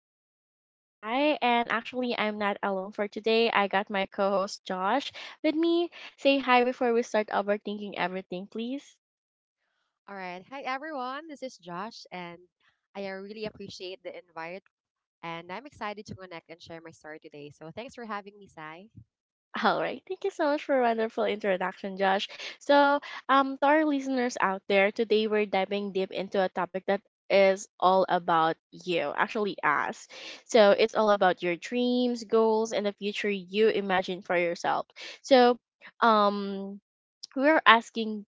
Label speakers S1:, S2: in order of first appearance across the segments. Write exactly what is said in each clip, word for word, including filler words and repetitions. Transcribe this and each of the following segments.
S1: This is your host Sai, and actually, I'm not alone for today. I got my co host Josh with me. Say hi before we start overthinking everything, please.
S2: All right. Hi, everyone. This is Josh, and I uh, really appreciate the invite. And I'm excited to connect and share my story today. So thanks for having me, Sai.
S1: All right, thank you so much for a wonderful introduction, Josh. So, um, to our listeners out there, today we're diving deep into a topic that is all about you, actually, us. So, it's all about your dreams, goals, and the future you imagine for yourself. So, um we were asking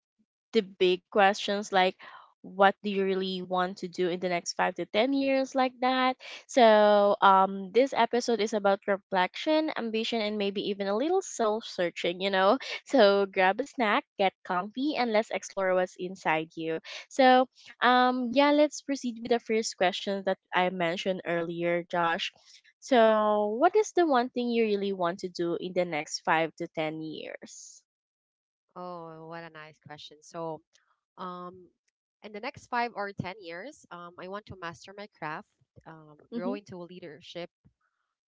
S1: the big questions like, what do you really want to do in the next five to ten years, like that. So, um this episode is about reflection, ambition, and maybe even a little soul searching you know So grab a snack, get comfy, and let's explore what's inside you. So, um yeah, let's proceed with the first question that I mentioned earlier, Josh. So what is the one thing you really want to do in the next five to ten years?
S2: Oh, what a nice question. So, um, in the next five or ten years, um, I want to master my craft, um, grow
S1: Mm-hmm,
S2: into leadership,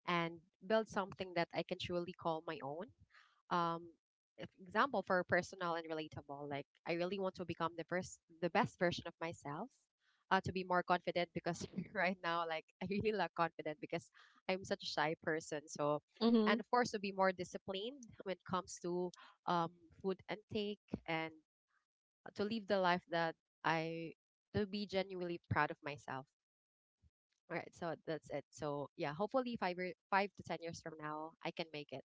S2: and build something that I can truly call my own. um if- Example for personal and relatable, like I really want to become the first the best version of myself, uh, to be more confident, because right now, like, I really lack confident, because I'm such a shy person. So,
S1: mm-hmm.
S2: and of course, to be more disciplined when it comes to um food intake, and to live the life that I to be genuinely proud of myself. All right, so that's it. So yeah, hopefully five year, five to ten years from now, I can make it.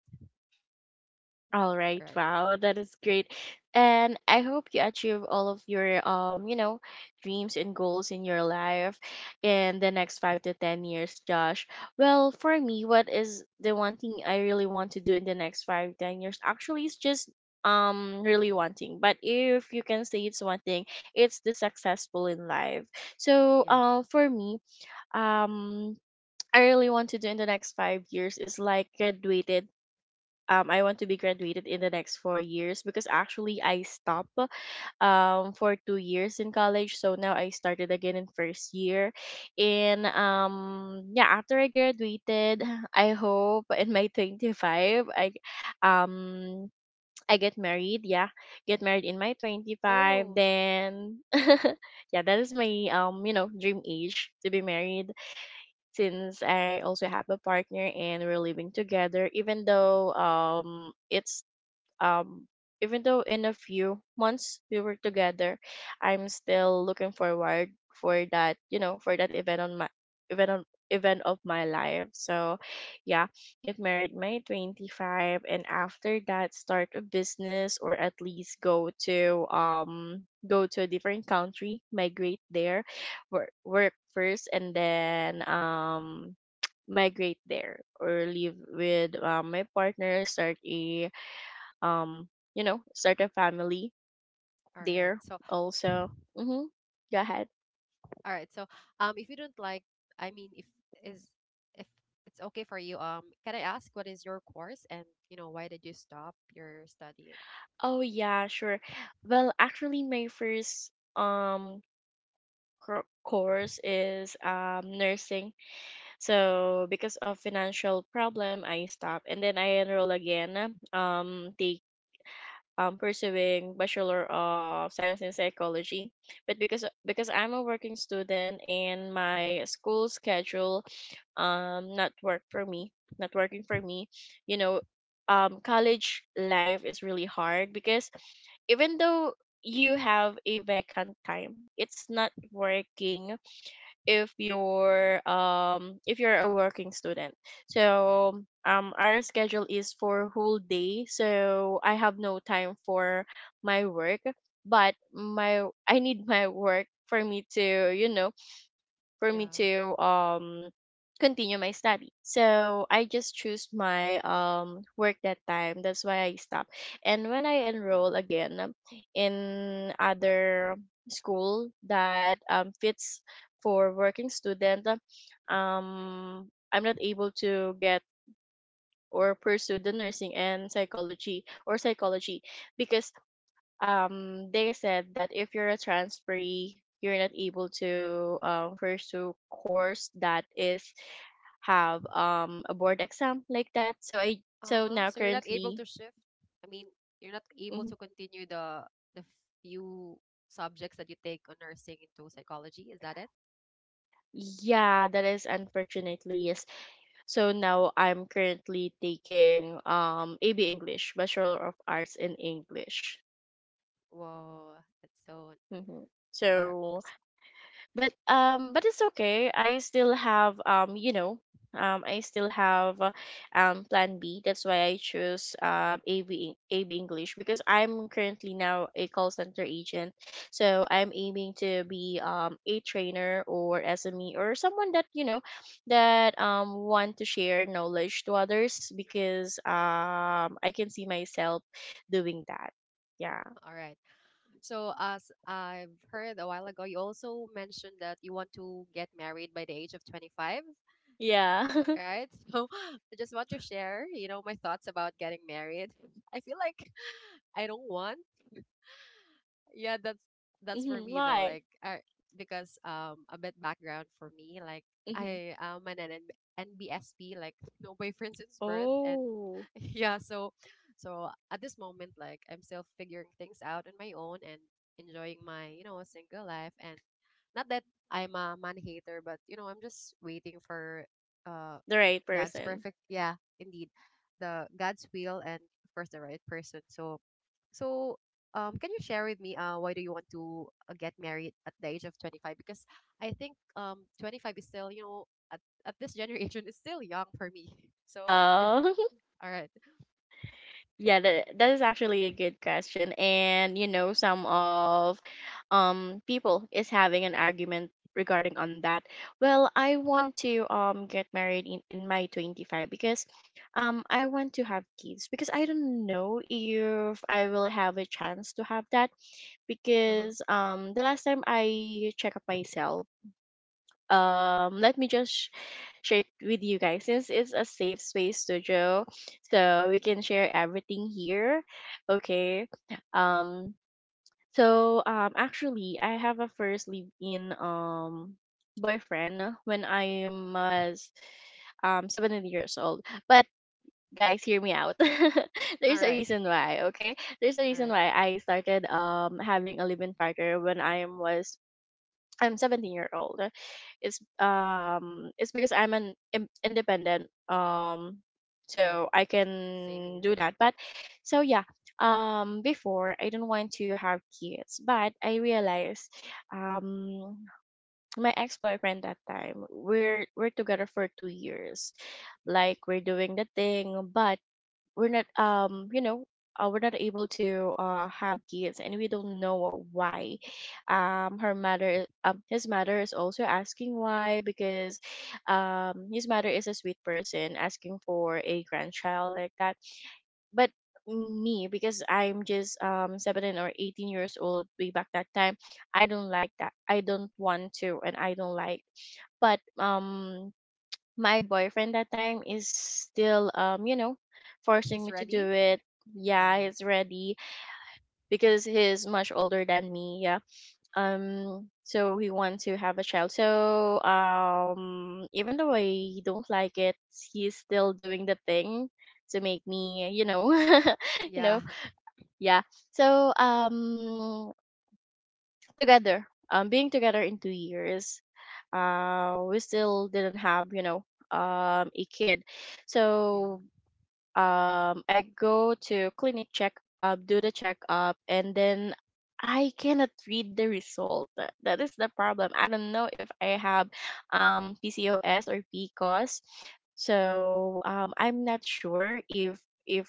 S1: All right.
S2: All right.
S1: Wow, that is great. And I hope you achieve all of your um, you know, dreams and goals in your life in the next five to ten years, Josh. Well, for me, what is the one thing I really want to do in the next five ten years? Actually, it's just um really wanting. But if you can say it's one thing, it's the successful in life. So,
S2: Yeah.
S1: um for me, um I really want to do in the next five years is like graduated. um, I want to be graduated in the next four years because actually I stopped um, for two years in college. So now I started again in first year. And um, yeah, after I graduated, I hope in my twenty-five, I, um, I get married. Yeah, get married in my twenty-five.
S2: Oh.
S1: Then, yeah, that is my, um, you know, dream age to be married, since I also have a partner and we're living together, even though um it's um even though in a few months we were together. I'm still looking forward for that, you know, for that event on my event on event of my life. So yeah, get married May twenty-five, and after that start a business, or at least go to um go to a different country, migrate there, work work first, and then um migrate there, or live with um, my partner, start a um you know start a family
S2: All right.
S1: there
S2: So,
S1: also. Mm-hmm. Go ahead.
S2: all right. So, um, if you don't like, I mean, if is if it's okay for you, um, can I ask what is your course, and you know, why did you stop your studying?
S1: Oh yeah, sure. Well, actually, my first um cour- course is um nursing. So because of financial problem, I stopped, and then I enroll again, um taking um, pursuing Bachelor of Science in Psychology. But because because I'm a working student and my school schedule, um not work for me, not working for me, you know, um college life is really hard because even though you have a vacant time, it's not working if you're um if you're a working student. So, um our schedule is for whole day, so I have no time for my work, but my I need my work for me to, you know, for
S2: Yeah.
S1: me to um continue my study. So I just choose my um work that time. That's why I stopped. And when I enroll again, um, in other school that um fits for working student, um I'm not able to get or pursue the nursing and psychology or psychology because um they said that if you're a transferee you're not able to, um, pursue course that is have um a board exam, like that. So I
S2: Uh
S1: so
S2: huh.
S1: now
S2: So you're not able
S1: currently.
S2: to shift. I mean, you're not able
S1: Mhm.
S2: to continue the the few subjects that you take on nursing into psychology. Is that it?
S1: Yeah, that is, unfortunately, yes. So now I'm currently taking um A B English bachelor of arts in english.
S2: Whoa, that's so,
S1: Hmm.
S2: what a
S1: So,
S2: course.
S1: but um but it's okay, I still have um you know um I still have uh, um plan b, that's why I chose um ab ab english because I'm currently now a call center agent. So I'm aiming to be um a trainer or S M E or someone that, you know that um want to share knowledge to others, because um I can see myself doing that. Yeah.
S2: All right. So as I've heard a while ago, you also mentioned that you want to get married by the age of twenty five,
S1: Yeah.
S2: right? So I just want to share, you know, my thoughts about getting married. I feel like I don't want, yeah, that's that's for
S1: Hmm,
S2: me, though.
S1: why?
S2: Like I, because um, a bit background for me, like,
S1: Hmm.
S2: I am an N N nbsp, like no boyfriend since birth. And
S1: Oh.
S2: yeah, so so at this moment, like, I'm still figuring things out on my own, and enjoying my, you know, single life. And not that I'm a man hater, but you know, I'm just waiting for, uh,
S1: The right
S2: god's
S1: person.
S2: perfect, yeah, indeed, the god's will, and of course, the right person. So so um, can you share with me, uh, why do you want to, uh, get married at the age of twenty five? Because I think, um, twenty five is still, you know, at, at this generation is still young for me. So it's
S1: Oh,
S2: all right.
S1: yeah, that, that is actually a good question. And you know, some of um people is having an argument regarding on that. Well, I want to um get married in, in my twenty-five, because um I want to have kids, because I don't know if I will have a chance to have that,
S2: Uh-huh.
S1: because um the last time I check up myself. Um let me just sh- share it with you guys since it's a safe space studio, so we
S2: Yeah.
S1: can share everything here, okay. um so, um actually, I have a first live in um boyfriend when I was um seventeen years old, but guys, hear me out.
S2: All
S1: There's a
S2: right.
S1: reason why, okay. There's a
S2: All
S1: reason
S2: right.
S1: why I started um having a live-in partner when i was I'm seventeen year old. It's um it's because I'm an im- independent um
S2: Yeah.
S1: so I
S2: Same
S1: can
S2: here.
S1: do that. But so yeah, um before I didn't want to have kids, but I realized um my ex-boyfriend that time, we're we're together for two years. Like we're doing the thing, but we're not, um you know uh, we're not able to uh have kids, and we don't know why. um her mother um his mother is also asking why, because um his mother is a sweet person asking for a grandchild, like that. But me, because I'm just um seventeen or eighteen years old way back that time, I don't like that, I don't want to, and I don't like. But um my boyfriend that time is still um you know forcing
S2: He's
S1: me to do
S2: ready?
S1: it.
S2: All
S1: Yeah,
S2: right.
S1: he's ready because he's much older than me, yeah. um so he wants to have a child, so um even though I don't like it, he's still doing the thing to make me you know you
S2: Yeah.
S1: know yeah. So, um together um being together in two years, uh we still didn't have, you know, um a kid.
S2: Yeah.
S1: So um I go to clinic check up, do the checkup, and then I cannot read the result. That that is the problem. I don't know if I have um P C O S or P C O S. So um I'm not sure if if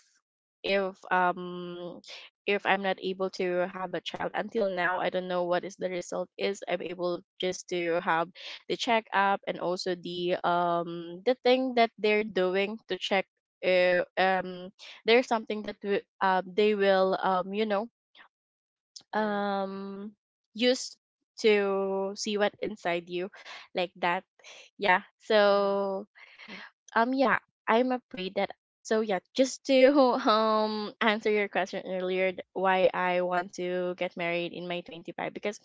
S1: if um if I'm not able to have a child until now, I don't know what is the result is. I'm able just to have the checkup, and also the um the thing that they're doing to check. uh, um there's something that w- uh, they will um you know
S2: All right.
S1: um use to see what inside you, like that, yeah.
S2: Uh-huh.
S1: So um yeah, I'm afraid that. So yeah, just to um answer your question earlier, th- why I want to get married in my twenty-five, because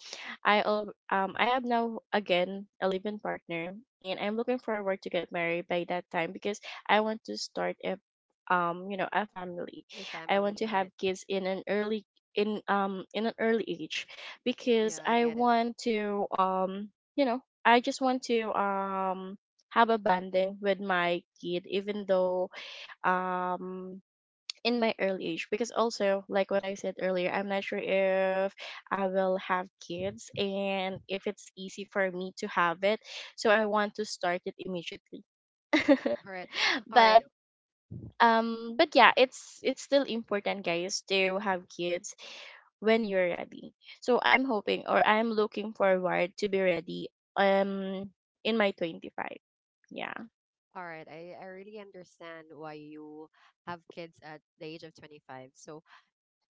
S1: i al- um i have now again a living partner, and I'm looking forward to get married by that time because I want to start a, um you know a family.
S2: A
S1: I want
S2: family.
S1: to
S2: All
S1: have
S2: right.
S1: kids in an early, in um in an early age, because
S2: Yeah, I
S1: I
S2: get it.
S1: want to, um you know, I just want to um have a bonding with my kid, even though um in my early age, because also like what I said earlier, I'm not sure if I will have kids, and if it's easy for me to have it. So I want to start it immediately.
S2: All right. All right.
S1: but um but yeah, it's it's still important, guys, to have kids when you're ready. So I'm hoping, or I'm looking forward to be ready, um in my twenty-five. Yeah.
S2: All right. I, I really understand why you have kids at the age of twenty five. So,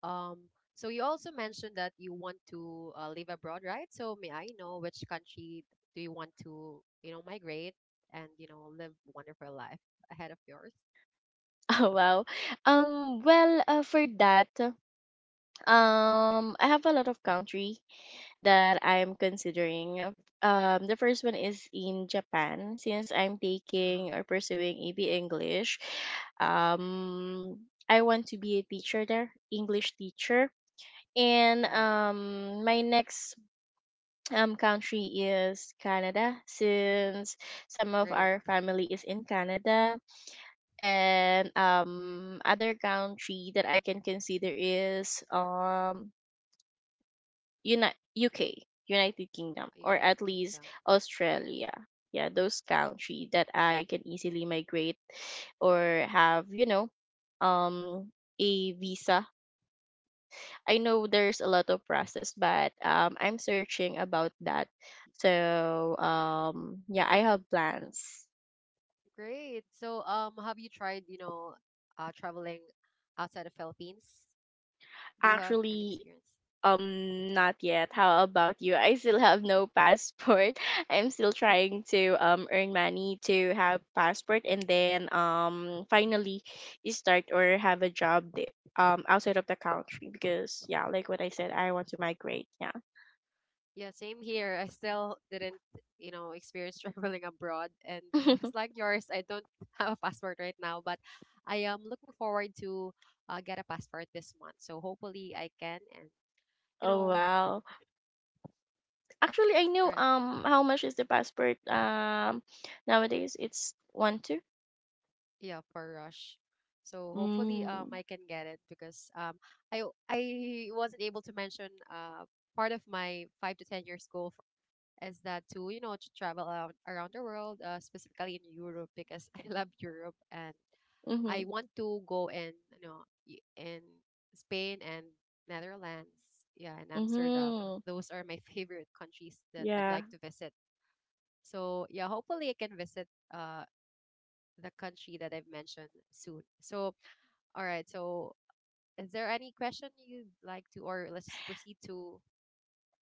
S2: um, so you also mentioned that you want to, uh, live abroad, right? So may I know which country do you want to, you know, migrate and, you know, live wonderful life ahead of yours?
S1: Oh wow. Um well, uh, for that, um I have a lot of country that I am considering. Um the first one is in Japan since I'm
S2: Uh-huh.
S1: taking or pursuing E B English. Um I want to be a teacher there, English teacher. And
S2: All right.
S1: um my next um country is Canada since some of
S2: Great.
S1: our family is in Canada, and um other country that I can consider is um Uni- U K, United
S2: Uh,
S1: Kingdom, or
S2: United
S1: at least
S2: Kingdom.
S1: Australia. Yeah, those country that I can easily migrate or have, you know, um a visa. I know there's a lot of process, but um I'm searching about that. So um yeah, I have plans.
S2: Great. So, um have you tried, you know, uh, traveling outside of Philippines? Do you have an
S1: Actually,
S2: experience?
S1: Um, not yet. How about you? I still have no passport. I'm still trying to um earn money to have passport, and then um finally start or have a job the- um outside of the country, because yeah, like what I said, I want to migrate. Yeah.
S2: Yeah, same here. I still didn't, you know, experience traveling abroad. And just like yours, I don't have a passport right now, but I am looking forward to, uh, get a passport this month. So hopefully I can. And you
S1: Oh
S2: know,
S1: wow. Actually, I know
S2: right,
S1: um how much is the passport um nowadays? It's one two.
S2: yeah, for rush. So hopefully, um
S1: Mm.
S2: I can get it, because um I I wasn't able to mention, uh part of my five to ten years goal for, is that to, you know, to travel around, around the world, uh, specifically in Europe, because I love Europe. And I
S1: Mhm.
S2: want to go, and you know, y- in Spain and Netherlands, yeah, and Amsterdam.
S1: Mhm.
S2: Those are my favorite countries that I'd
S1: Yeah.
S2: like to visit. So yeah, hopefully I can visit, uh, the country that I've mentioned soon. So all right, so is there any question you'd like to, or let's proceed to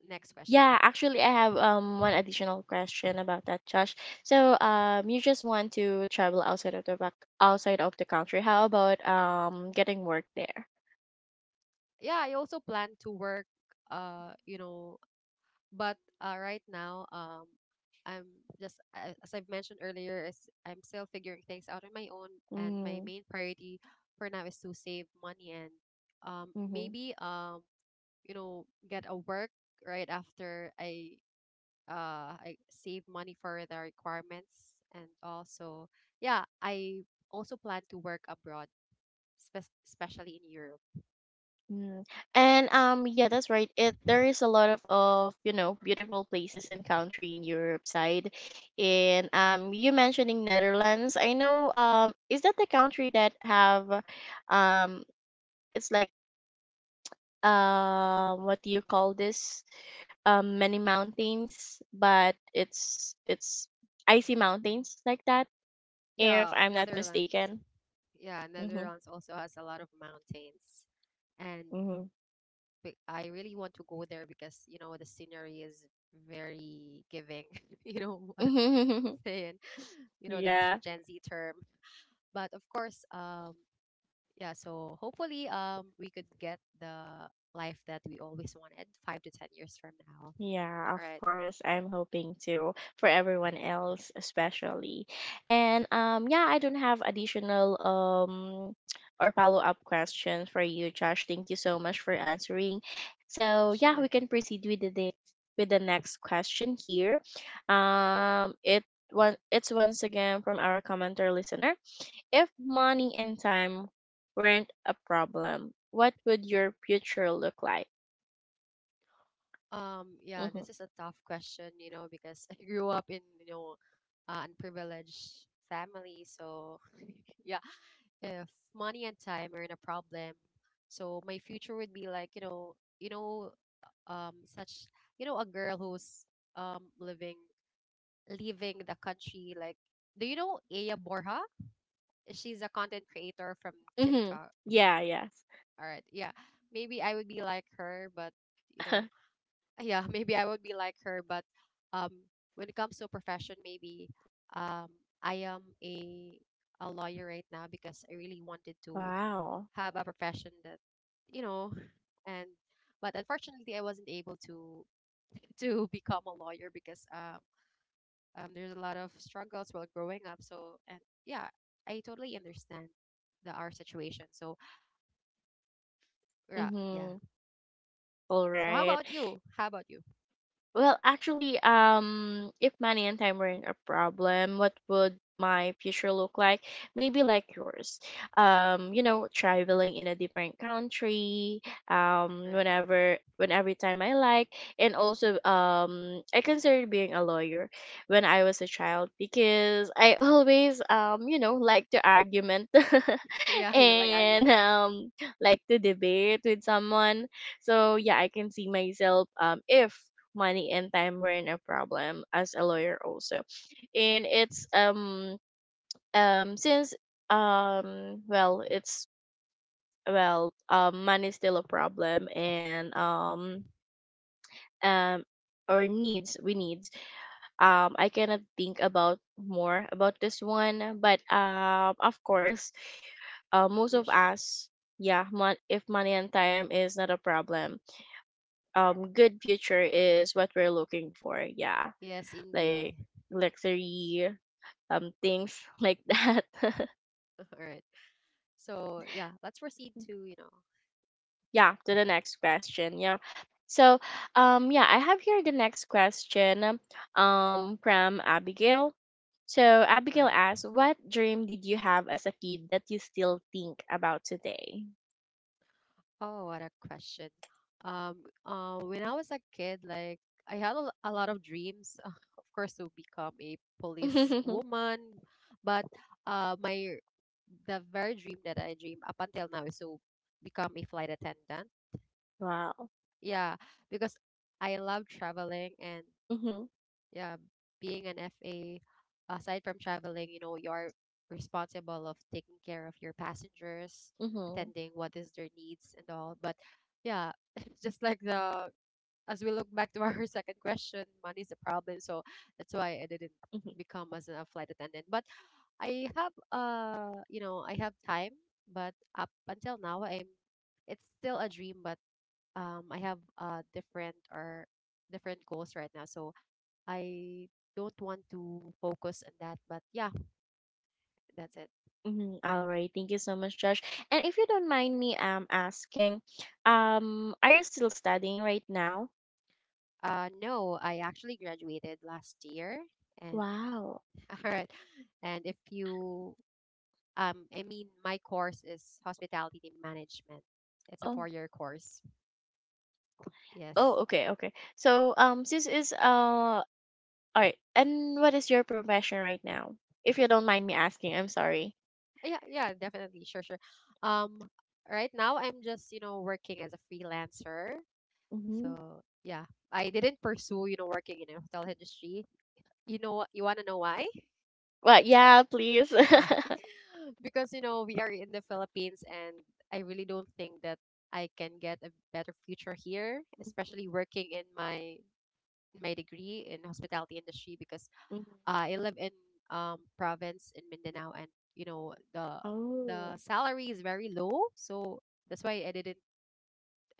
S2: next question?
S1: Yeah, actually, I have um one additional question about that, Josh. So, um, you just want to travel outside of the back outside of the country. How about um getting work there?
S2: Yeah, I also plan to work, uh, you know. But uh, right now, um, I'm just, a- as I've mentioned earlier, is I'm still figuring things out on my own, and my
S1: Mm,
S2: main priority for now is to save money, and um,
S1: mm-hmm,
S2: maybe, um, you know, get a work right after I, uh I save money for the requirements. And also, yeah, I also plan to work abroad, spe- especially in Europe.
S1: mm. And um, yeah, that's right. It There is a lot of of you know beautiful places and country in Europe side, and um, you mentioning Netherlands. I know, um, is that the country that have, um, it's like, um what do you call this, um many mountains, but it's it's icy mountains like that, if
S2: Yeah,
S1: I'm not
S2: Netherlands.
S1: mistaken.
S2: Yeah,
S1: Mm-hmm,
S2: Netherlands also has a lot of mountains. And but I really want to go there, because you know, the scenery is very giving. You know what I'm
S1: mm-hmm.
S2: saying? You know the
S1: Yeah.
S2: Gen Z term. But of course, um, yeah. So hopefully, um, we could get the life that we always wanted five to ten years from now.
S1: Yeah, of
S2: All right,
S1: course. I'm hoping to for everyone else especially. And um yeah, I don't have additional um or follow-up questions for you, Josh. Thank you so much for answering. So, yeah,
S2: sure.
S1: we can proceed with the next with the next question here. Um it one it's once again from our commenter listener. If money and time weren't a problem, what would your future look like?
S2: Um, yeah, this
S1: Mhm.
S2: is a tough question, you know, because I grew up in, you know, uh, unprivileged family. So, yeah, if money and time are in a problem, so my future would be like, you know, you know, um, such, you know, a girl who's um, living leaving the country. Like, do you know Aya Borja? She's a content creator from
S1: Mhm.
S2: TikTok.
S1: Yeah, yes.
S2: All right, yeah, maybe I would be like her, but you know, yeah, maybe I would be like her, but um, when it comes to profession, maybe um, I am a a lawyer right now, because I really wanted to
S1: Wow.
S2: have a profession that, you know. And but unfortunately, I wasn't able to to become a lawyer, because um, um, there's a lot of struggles while growing up. So, and yeah, I totally understand the our situation. So yeah, yeah.
S1: Mm-hmm. All
S2: So how
S1: right.
S2: about you? How about you?
S1: Well, actually, um, if money and time weren't a problem, what would my future look like? Maybe like yours. Um, you know, traveling in a different country,
S2: All
S1: um,
S2: right.
S1: whenever, when every time I like, and also, um, I considered being a lawyer when I was a child because I always, um, you know, like to argument
S2: Yeah, you like
S1: and
S2: argument.
S1: um, like to debate with someone. So yeah, I can see myself um if money and time weren't a problem as a lawyer also, and it's um um since um well it's well um money's still a problem and um um or needs we needs um I cannot think about more about this one, but um of course, uh, most
S2: Yeah,
S1: of
S2: sure.
S1: us, yeah, mon- if money and time is not a problem, um good future is what we're looking for, yeah,
S2: Yes, indeed.
S1: like luxury um things like that.
S2: All right. So yeah, let's proceed to, you know,
S1: Yeah, to the next question. Yeah. So, um yeah, I have here the next question um from Abigail. So,
S2: all
S1: Abigail
S2: right.
S1: asks, "What dream did you have as a kid that you still think about today?"
S2: Oh, what a question. Um, uh, when I was a kid, like, I had a, l- a lot of dreams, of course, to become a police woman, but uh, my the very dream that I dream up until now is to become a flight attendant.
S1: Wow.
S2: Yeah, because I love traveling. And
S1: Mhm.
S2: yeah, being an F A, aside from traveling, you know, you are responsible of taking care of your passengers,
S1: Mhm.
S2: attending what is their needs and all. But yeah, it's just like the, as we look back to our second question, money's the problem. So that's why I didn't
S1: Mhm.
S2: become as a flight attendant. But I have, uh, you know, I have time, but up until now, I'm it's still a dream. But um, I have, uh different or different goals right now. So I don't want to focus on that, but yeah, that's it.
S1: Mhm. All right. Thank you so much, Josh. And if you don't mind me um asking, um are you still studying right now?
S2: Uh, no, I actually graduated last year. And
S1: Wow.
S2: all right. And if you, um, I mean, my course is hospitality management. It's a
S1: Oh.
S2: four-year course. Yes.
S1: Oh, okay, okay. So, um, this is uh, all right. And what is your profession right now? If you don't mind me asking, I'm sorry.
S2: Yeah, yeah, definitely. Sure, sure. Um, right now, I'm just, you know, working as a freelancer.
S1: Mm-hmm.
S2: So yeah, I didn't pursue, you know, working in the hotel industry. You know, what- you want to know why?
S1: Well, yeah, please.
S2: Because you know, we are in the Philippines, and I really don't think that I can get a better future here,
S1: Mhm,
S2: especially working in my, my degree in hospitality industry, because
S1: mhm.
S2: uh, I live in, um, province in Mindanao. And you know, the the
S1: Oh,
S2: salary is very low. So that's why I didn't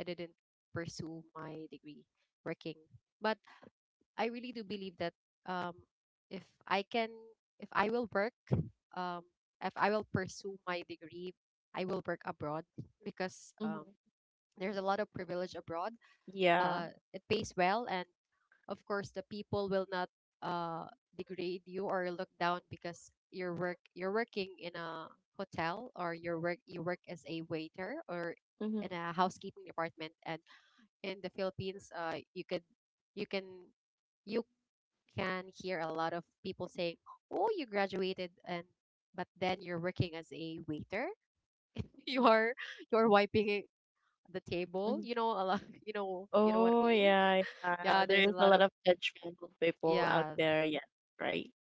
S2: I didn't pursue my degree working. But I really do believe that um, if I can, if I will work, um, if I will pursue my degree, I will work abroad, because um,
S1: hmm,
S2: there's a lot of privilege abroad.
S1: yeah.
S2: Uh, it pays well. And of course, the people will not, uh, degrade you or look down because you're work you're working in a hotel, or you work you work as a waiter, or
S1: Hmm.
S2: in a housekeeping department. And in the Philippines, uh, you could you can you can hear a lot of people saying, "Oh, you graduated, and but then you're working as a waiter. You're you're wiping it- the table.
S1: Hmm.
S2: You know a lot. You know, you know what I
S1: Oh,
S2: mean."
S1: yeah,
S2: Yeah,
S1: yeah.
S2: there's
S1: There is
S2: a
S1: a
S2: lot
S1: lot
S2: of,
S1: of judgmental people out
S2: yeah.
S1: there, yeah, right.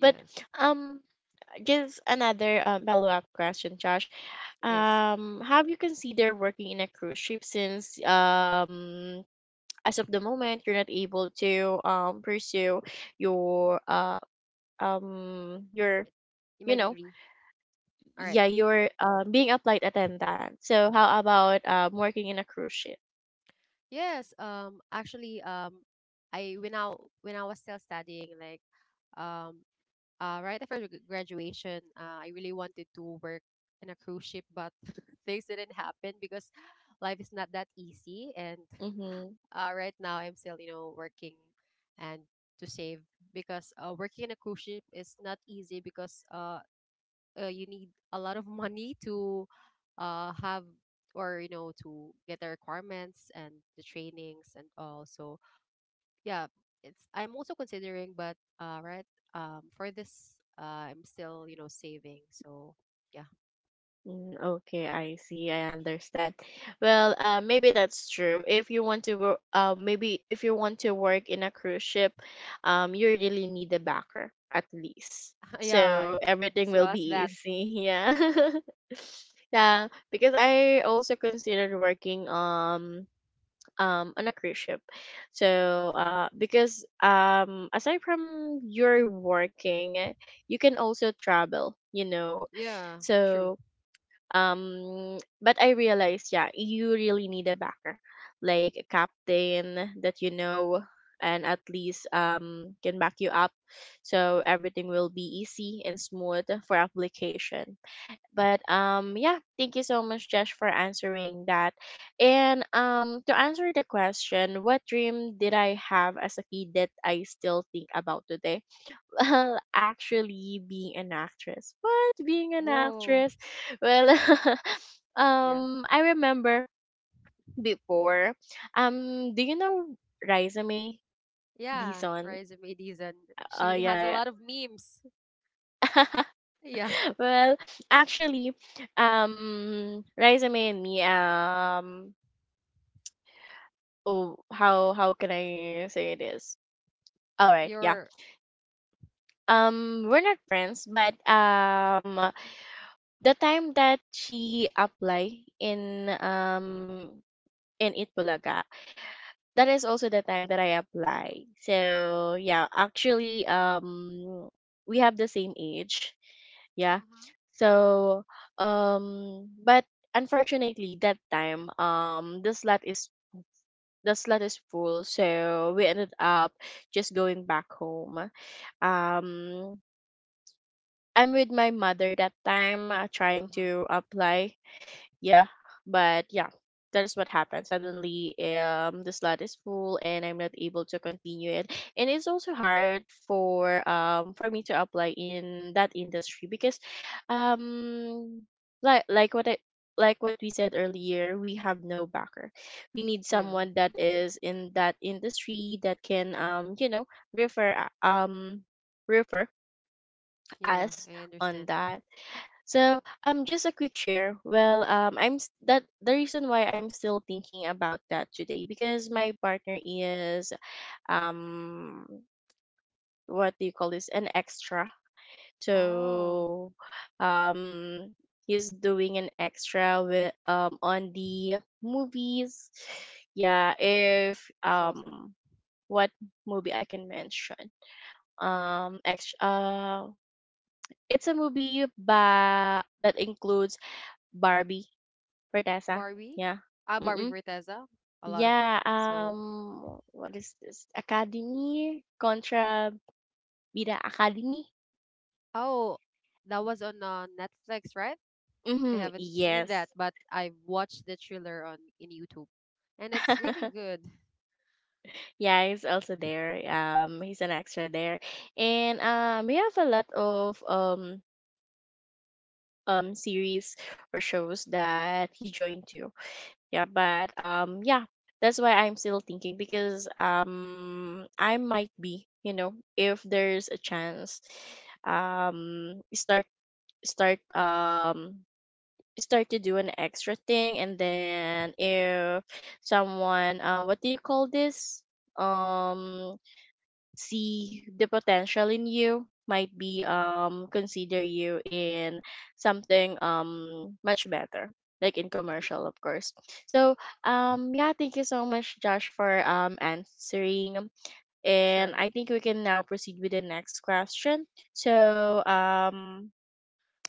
S1: But um, just another um, follow-up question, Josh.
S2: yes.
S1: Um, have you considered working in a cruise ship since um as of the moment you're not able to um pursue your uh um your,
S2: m- In my
S1: you know,
S2: degree. All right.
S1: yeah, your are um being a flight attendant, so how about um working in a cruise ship?
S2: Yes. Um, actually, um, I when I when I was still studying, like, um, uh, right after gr- graduation, uh, I really wanted to work in a cruise ship, but things didn't happen, because life is not that easy. And
S1: Mm-hmm.
S2: uh, right now, I'm still, you know, working, and to save, because uh, working in a cruise ship is not easy, because uh, uh, you need a lot of money to, uh, have, or you know, to get the requirements and the trainings and all. So yeah, it's, I'm also considering, but uh, right, um, for this, uh, I'm still, you know, saving. So yeah,
S1: Mm, okay, I see. I understand. Well, uh, maybe that's true. If you want to, wo- uh, maybe if you want to work in a cruise ship, um, you really need a backer at least.
S2: yeah,
S1: So everything
S2: as
S1: will
S2: well as
S1: be
S2: that. Mm.
S1: easy. Yeah. Yeah, because I also considered working um um on a cruise ship. So uh because um aside from your working, you can also travel, you know.
S2: Yeah, true.
S1: So um but I realized, yeah, you really need a backer, like a captain that you know, and at least um can back you up, so everything will be easy and smooth for application. But um yeah, thank you so much, Josh, for answering that. And um to answer the question, what dream did I have as a kid that I still think about today, well, actually, being an actress. What? Being an
S2: Whoa,
S1: actress? Well,
S2: yeah,
S1: um, I remember before. Um, do you know Raisa May
S2: yeah.
S1: Dizon?
S2: Riza Madiz and
S1: Uh,
S2: she has a
S1: yeah,
S2: lot of memes.
S1: yeah.
S2: Yeah,
S1: Well, actually, um, Raisa May and me. Um, oh, how how can I say this? All right, yeah.
S2: your.
S1: Um, we're not friends, but um, the time that she apply in um in Itbulaga, that is also the time that I apply. So yeah, actually um we have the same age.
S2: Uh
S1: Yeah.
S2: huh.
S1: So um but unfortunately that time um the slot is the slot is full, so we ended up just going back home. Um I'm with my mother that time, uh,
S2: Uh
S1: trying
S2: huh.
S1: to apply, yeah. But yeah, that is what happened. Suddenly um the slot is full and I'm not able to continue it. And it's also hard for um for me to apply in that industry because um like like what I, like what we said earlier, we have no backer. We need
S2: Yeah,
S1: someone that is in that industry that can, um you know, refer, uh, um refer
S2: yeah,
S1: us
S2: I
S1: on
S2: understand.
S1: that. So, um, just a quick share. Well, um, I'm s- that the reason why I'm still thinking about that today because my partner is um, what do you call this? An extra.
S2: Oh,
S1: So, um, he's doing an extra with um on the movies. Yeah, if
S2: it's also
S1: um, what movie I can mention? Um, extra. Uh, it's a movie by that includes Barbie Verdesa,
S2: Barbie.
S1: yeah.
S2: Ah, Barbie
S1: Mm-mm.
S2: Forteza. A lot of
S1: Yeah,
S2: so.
S1: um, what is this? Academy contra Vida Academy?
S2: Oh, that was on uh, Netflix, right? I
S1: Mm-hmm.
S2: haven't seen that,
S1: Yes.
S2: but I've watched the thriller on in YouTube, and it's really good.
S1: Yeah, he's also there. Um, he's an extra there. And um, we have a lot of um um series or shows that he joined to. Yeah, but um yeah, that's why I'm still thinking because um I might be, you know, if there's a chance, um start start um start to do an extra thing, and then if someone, uh what do you call this, Um see the potential in you, might be,
S2: Mhm.
S1: um consider you in something um much better, like in
S2: Y-
S1: commercial, of course. So um yeah, thank you so much, Josh, for um answering, and
S2: Sure,
S1: I think we can now proceed with the next question. So um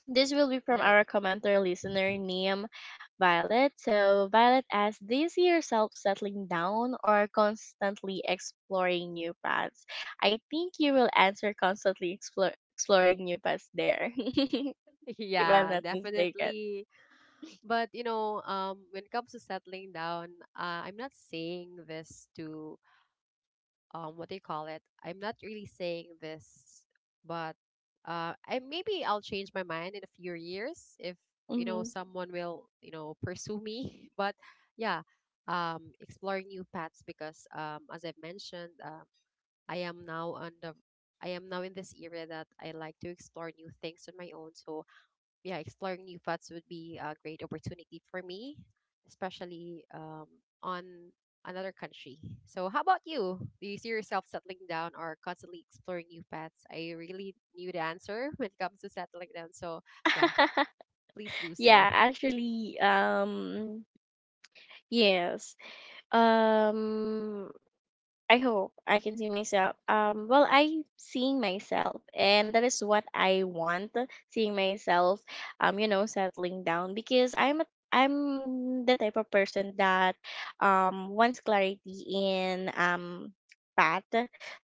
S1: this will be from
S2: right.
S1: our commenter listener, Niam Violet. So, Violet asks, do you see yourself settling down or constantly exploring new paths? I think you will answer constantly explore, exploring new paths there, if I'm
S2: Yeah,
S1: not mistaken.
S2: definitely. But you know, um, when it comes to settling down, uh, I'm not saying this to um what do you call it? I'm not really saying this, but uh, I maybe I'll change my mind in a few years if you know
S1: Hmm.
S2: someone will you know pursue me. But yeah, um, exploring new paths because um, as I've mentioned, um, I am now on the I am now in this era that I like to explore new things on my own. So yeah, exploring new paths would be a great opportunity for me, especially um, on another country. So, how about you? Do you see yourself settling down or constantly exploring new paths? I really knew the answer when it comes to settling down. So, yeah, please do
S1: Yeah,
S2: so.
S1: actually, um, yes. Um, I hope I can see myself. Um, well, I seeing myself, and that is what I want. Seeing myself, um, you know, settling down because I'm a, I'm the type of person that, um, wants clarity in um path.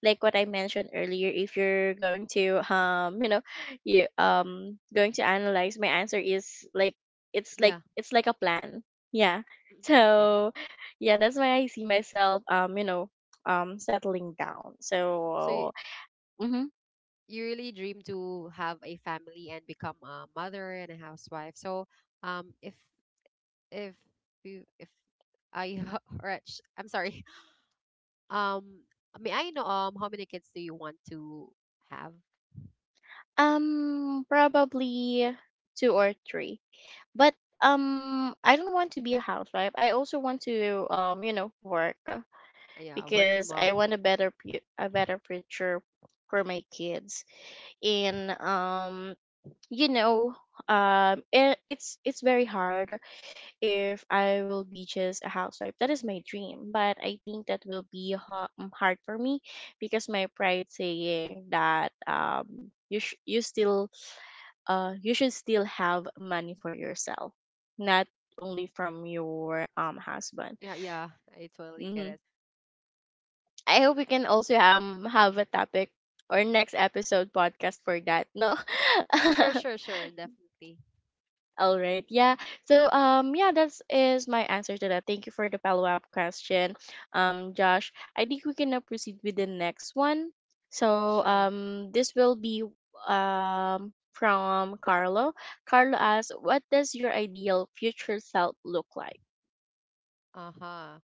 S1: Like what I mentioned earlier, if you're going to, um, you know, you um going to analyze my answer, is like it's like
S2: Yeah.
S1: it's like a plan. Yeah.
S2: Mhm. Yeah.
S1: So yeah, that's why I see myself, Um, you know, um settling down.
S2: So, you,
S1: So mm-hmm.
S2: you really dream to have a family and become a mother and a housewife. So, um, if, if, you, if I, or I'm sorry, Um, may I know um how many kids do you want to have?
S1: um probably two or three. But um I don't want to be a housewife. I also want to, um you know, work, uh,
S2: Uh, Yeah, working
S1: because I
S2: mom.
S1: want a better pu- a better future for my kids. And um you know, um it, it's it's very hard if I will be just a housewife. That is my dream, but I think that will be ha- um, hard for me because my pride saying that um you sh- you still, uh you should still have money for yourself, not only from your um husband.
S2: Yeah, yeah, I totally get
S1: Hmm.
S2: it.
S1: I hope we can also um have a topic or next episode podcast for that. No.
S2: Sure, sure, sure, definitely.
S1: All right. Yeah. So um yeah, that's is my answer to that. Thank you for the follow-up question. Um Josh, I think we can now proceed with the next one. So
S2: Sure.
S1: um this will be um from Carlo. Carlo asks, "What does your ideal future self look like?"
S2: Uh-huh.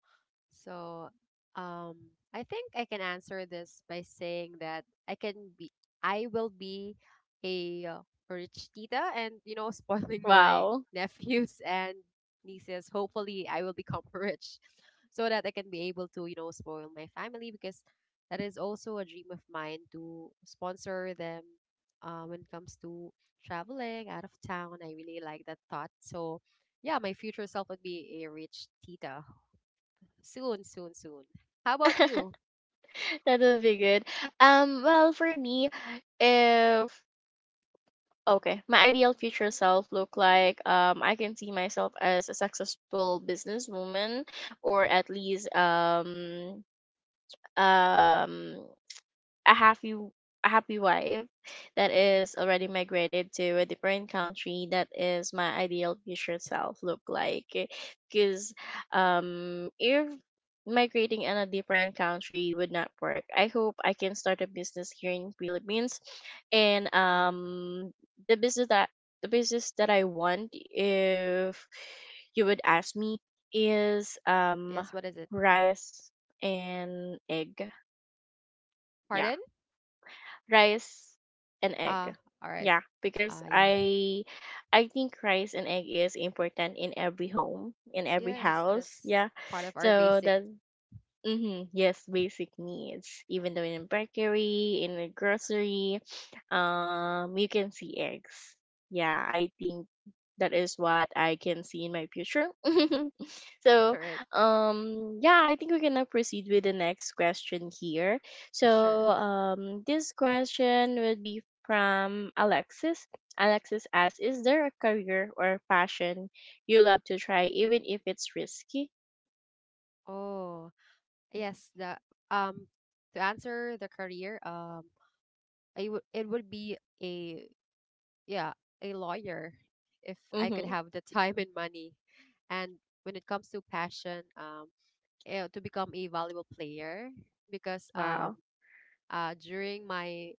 S2: So, um, I think I can answer this by saying that I can be, I will be a uh, rich tita and, you know, spoiling my
S1: Wow.
S2: nephews and nieces. Hopefully, I will become rich so that I can be able to, you know, spoil my family because that is also a dream of mine to sponsor them uh, when it comes to traveling out of town. I really like that thought. So, yeah, my future self would be a rich tita. Soon, soon, soon. How about you?
S1: That will be good. Um well, for me, if okay, my ideal future self look like, um I can see myself as a successful businesswoman, or at least um um a happy a happy wife that is already migrated to a different country. That is my ideal future self look like, because um if migrating in a different country would not work, I hope I can start a business here in Philippines. And
S2: Yeah.
S1: um the business that the business that I want, if you would ask me, is um
S2: Yes, what is it?
S1: rice and egg. Yeah,
S2: Pardon?
S1: rice and egg.
S2: Ah, all right.
S1: Yeah, because
S2: Ah, yeah.
S1: I I think rice and egg is important in every home, in every
S2: Yes,
S1: house.
S2: that's
S1: Yeah.
S2: part of our
S1: So
S2: basic.
S1: that mm-hmm. Yes, basic needs. Even though in a bakery, in a grocery, um, you can see eggs. Yeah, I think that is what I can see in my future. So,
S2: All right.
S1: um, yeah, I think we're gonna proceed with the next question here.
S2: Sure.
S1: So, um, this question would be from Alexis. Alexis asks, "Is there a career or passion you love to try, even if it's risky?"
S2: Oh, yes, the um to answer the career, um I would it would be a yeah, a lawyer if I could
S1: Mhm.
S2: have the time and money. And when it comes to passion, um eh, to become a valuable player because um
S1: Wow.
S2: uh during my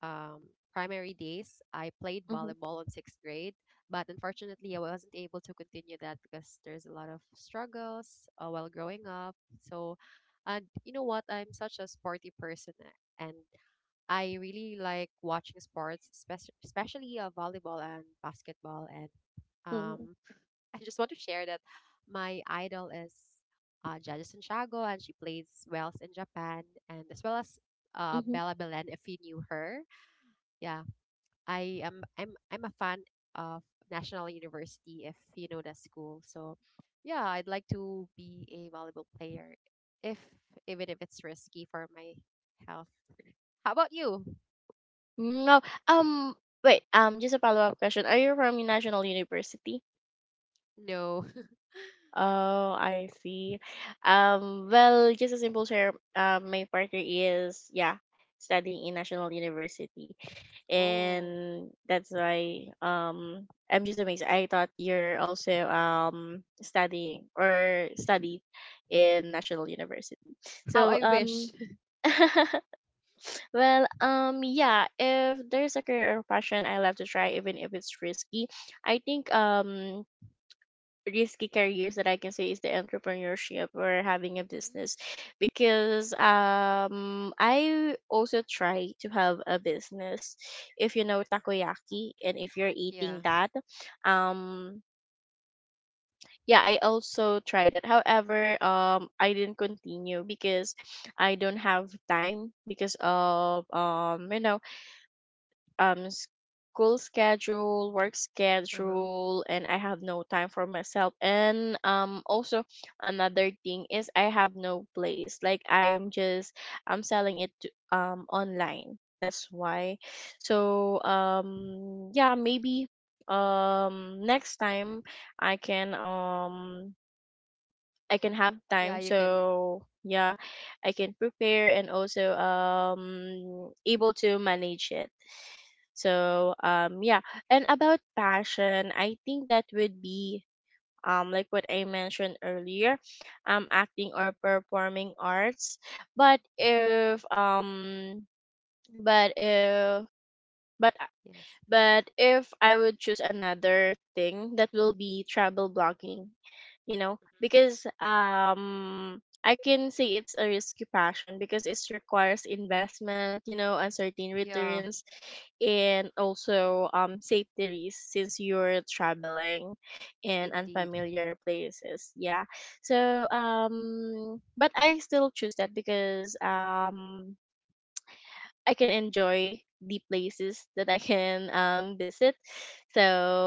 S2: um, primary days, I played
S1: Mhm.
S2: volleyball in sixth grade, but unfortunately, I wasn't able to continue that because there's a lot of struggles uh, while growing up. So, and you know what? I'm such a sporty person, a- and I really like watching sports, especially especially uh, volleyball and basketball. And
S1: Mhm.
S2: um, I just want to share that my idol is uh, Jada Santiago, and she plays Wells in Japan, and as well as uh,
S1: Mhm.
S2: Bella Belen, if you knew her. Yeah, I am I'm I'm a fan of National University if you know that school. So yeah, I'd like to be a volleyball player if even if it's risky for my health. How about you?
S1: No. Um. Wait. Um. Just a follow-up question. Are you from National University?
S2: No.
S1: Oh, I see. Um. Well, just a simple share. Um. My partner is, yeah, studying in National University,
S2: Oh,
S1: and that's why um I'm just amazed. I thought you're also um studying or studied in National University.
S2: how
S1: So
S2: I wish.
S1: um well um yeah, if there's a career or passion I love to try even if it's risky, I think um risky careers that I can say is the entrepreneurship or having a
S2: Hmm.
S1: business because um I also try to have a business if you know takoyaki and if you're
S2: Yeah.
S1: eating that um yeah, I also tried it, however um I didn't continue because I don't have time because of um you know um school schedule, work
S2: Uh-huh.
S1: schedule, and I have no time for myself. And um also another thing is I have no place. Like I'm just I'm selling it to, um online. That's why. So um yeah, maybe um next time I can um I can have
S2: Yeah,
S1: time.
S2: you can.
S1: So yeah, I can prepare and also um able to manage it. So um yeah, and about passion, I think that would be um like what I mentioned earlier, um acting or performing arts. But if um but if but
S2: Yes.
S1: but if I would choose another thing, that will be travel blogging, you know,
S2: Mhm.
S1: because um I can say it's a risky passion because it requires investment, you know, uncertain
S2: Yeah,
S1: returns and also um safety risks since you're traveling in
S2: indeed.
S1: unfamiliar places. Yeah. So um but I still choose that because um I can enjoy the places that I can um visit. So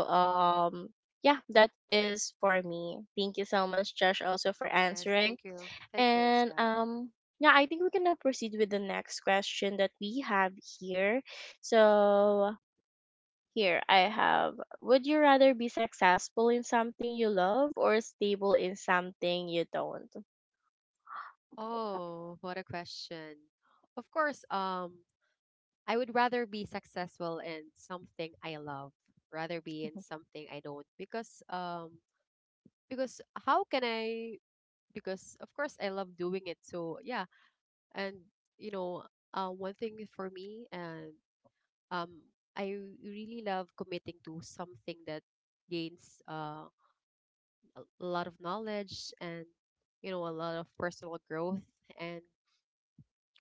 S1: um yeah, that is for me. Thank you so much, Josh, also for
S2: Yes,
S1: answering.
S2: thank you. Thank you as
S1: And
S2: well.
S1: um yeah, I think we can now proceed with the next question that we have here. So here I have, would you rather be successful in something you love or stable in something you don't?
S2: Oh, what a question. Of course, um I would rather be successful in something I love rather be in
S1: Mhm.
S2: something I don't because um because how can I because of course I love doing it so yeah and you know uh, one thing for me and um I really love committing to something that gains uh, a a lot of knowledge and you know a lot of personal growth and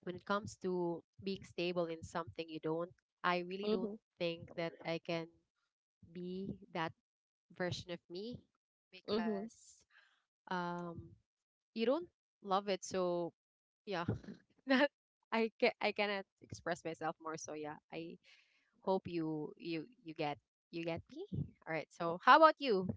S2: when it comes to being stable in something you don't I really don't
S1: Mhm,
S2: think that I can be that version of me
S1: mhm.
S2: because um you don't love it so yeah not I can I cannot express myself more so yeah I hope you you you get you get me all right so how about you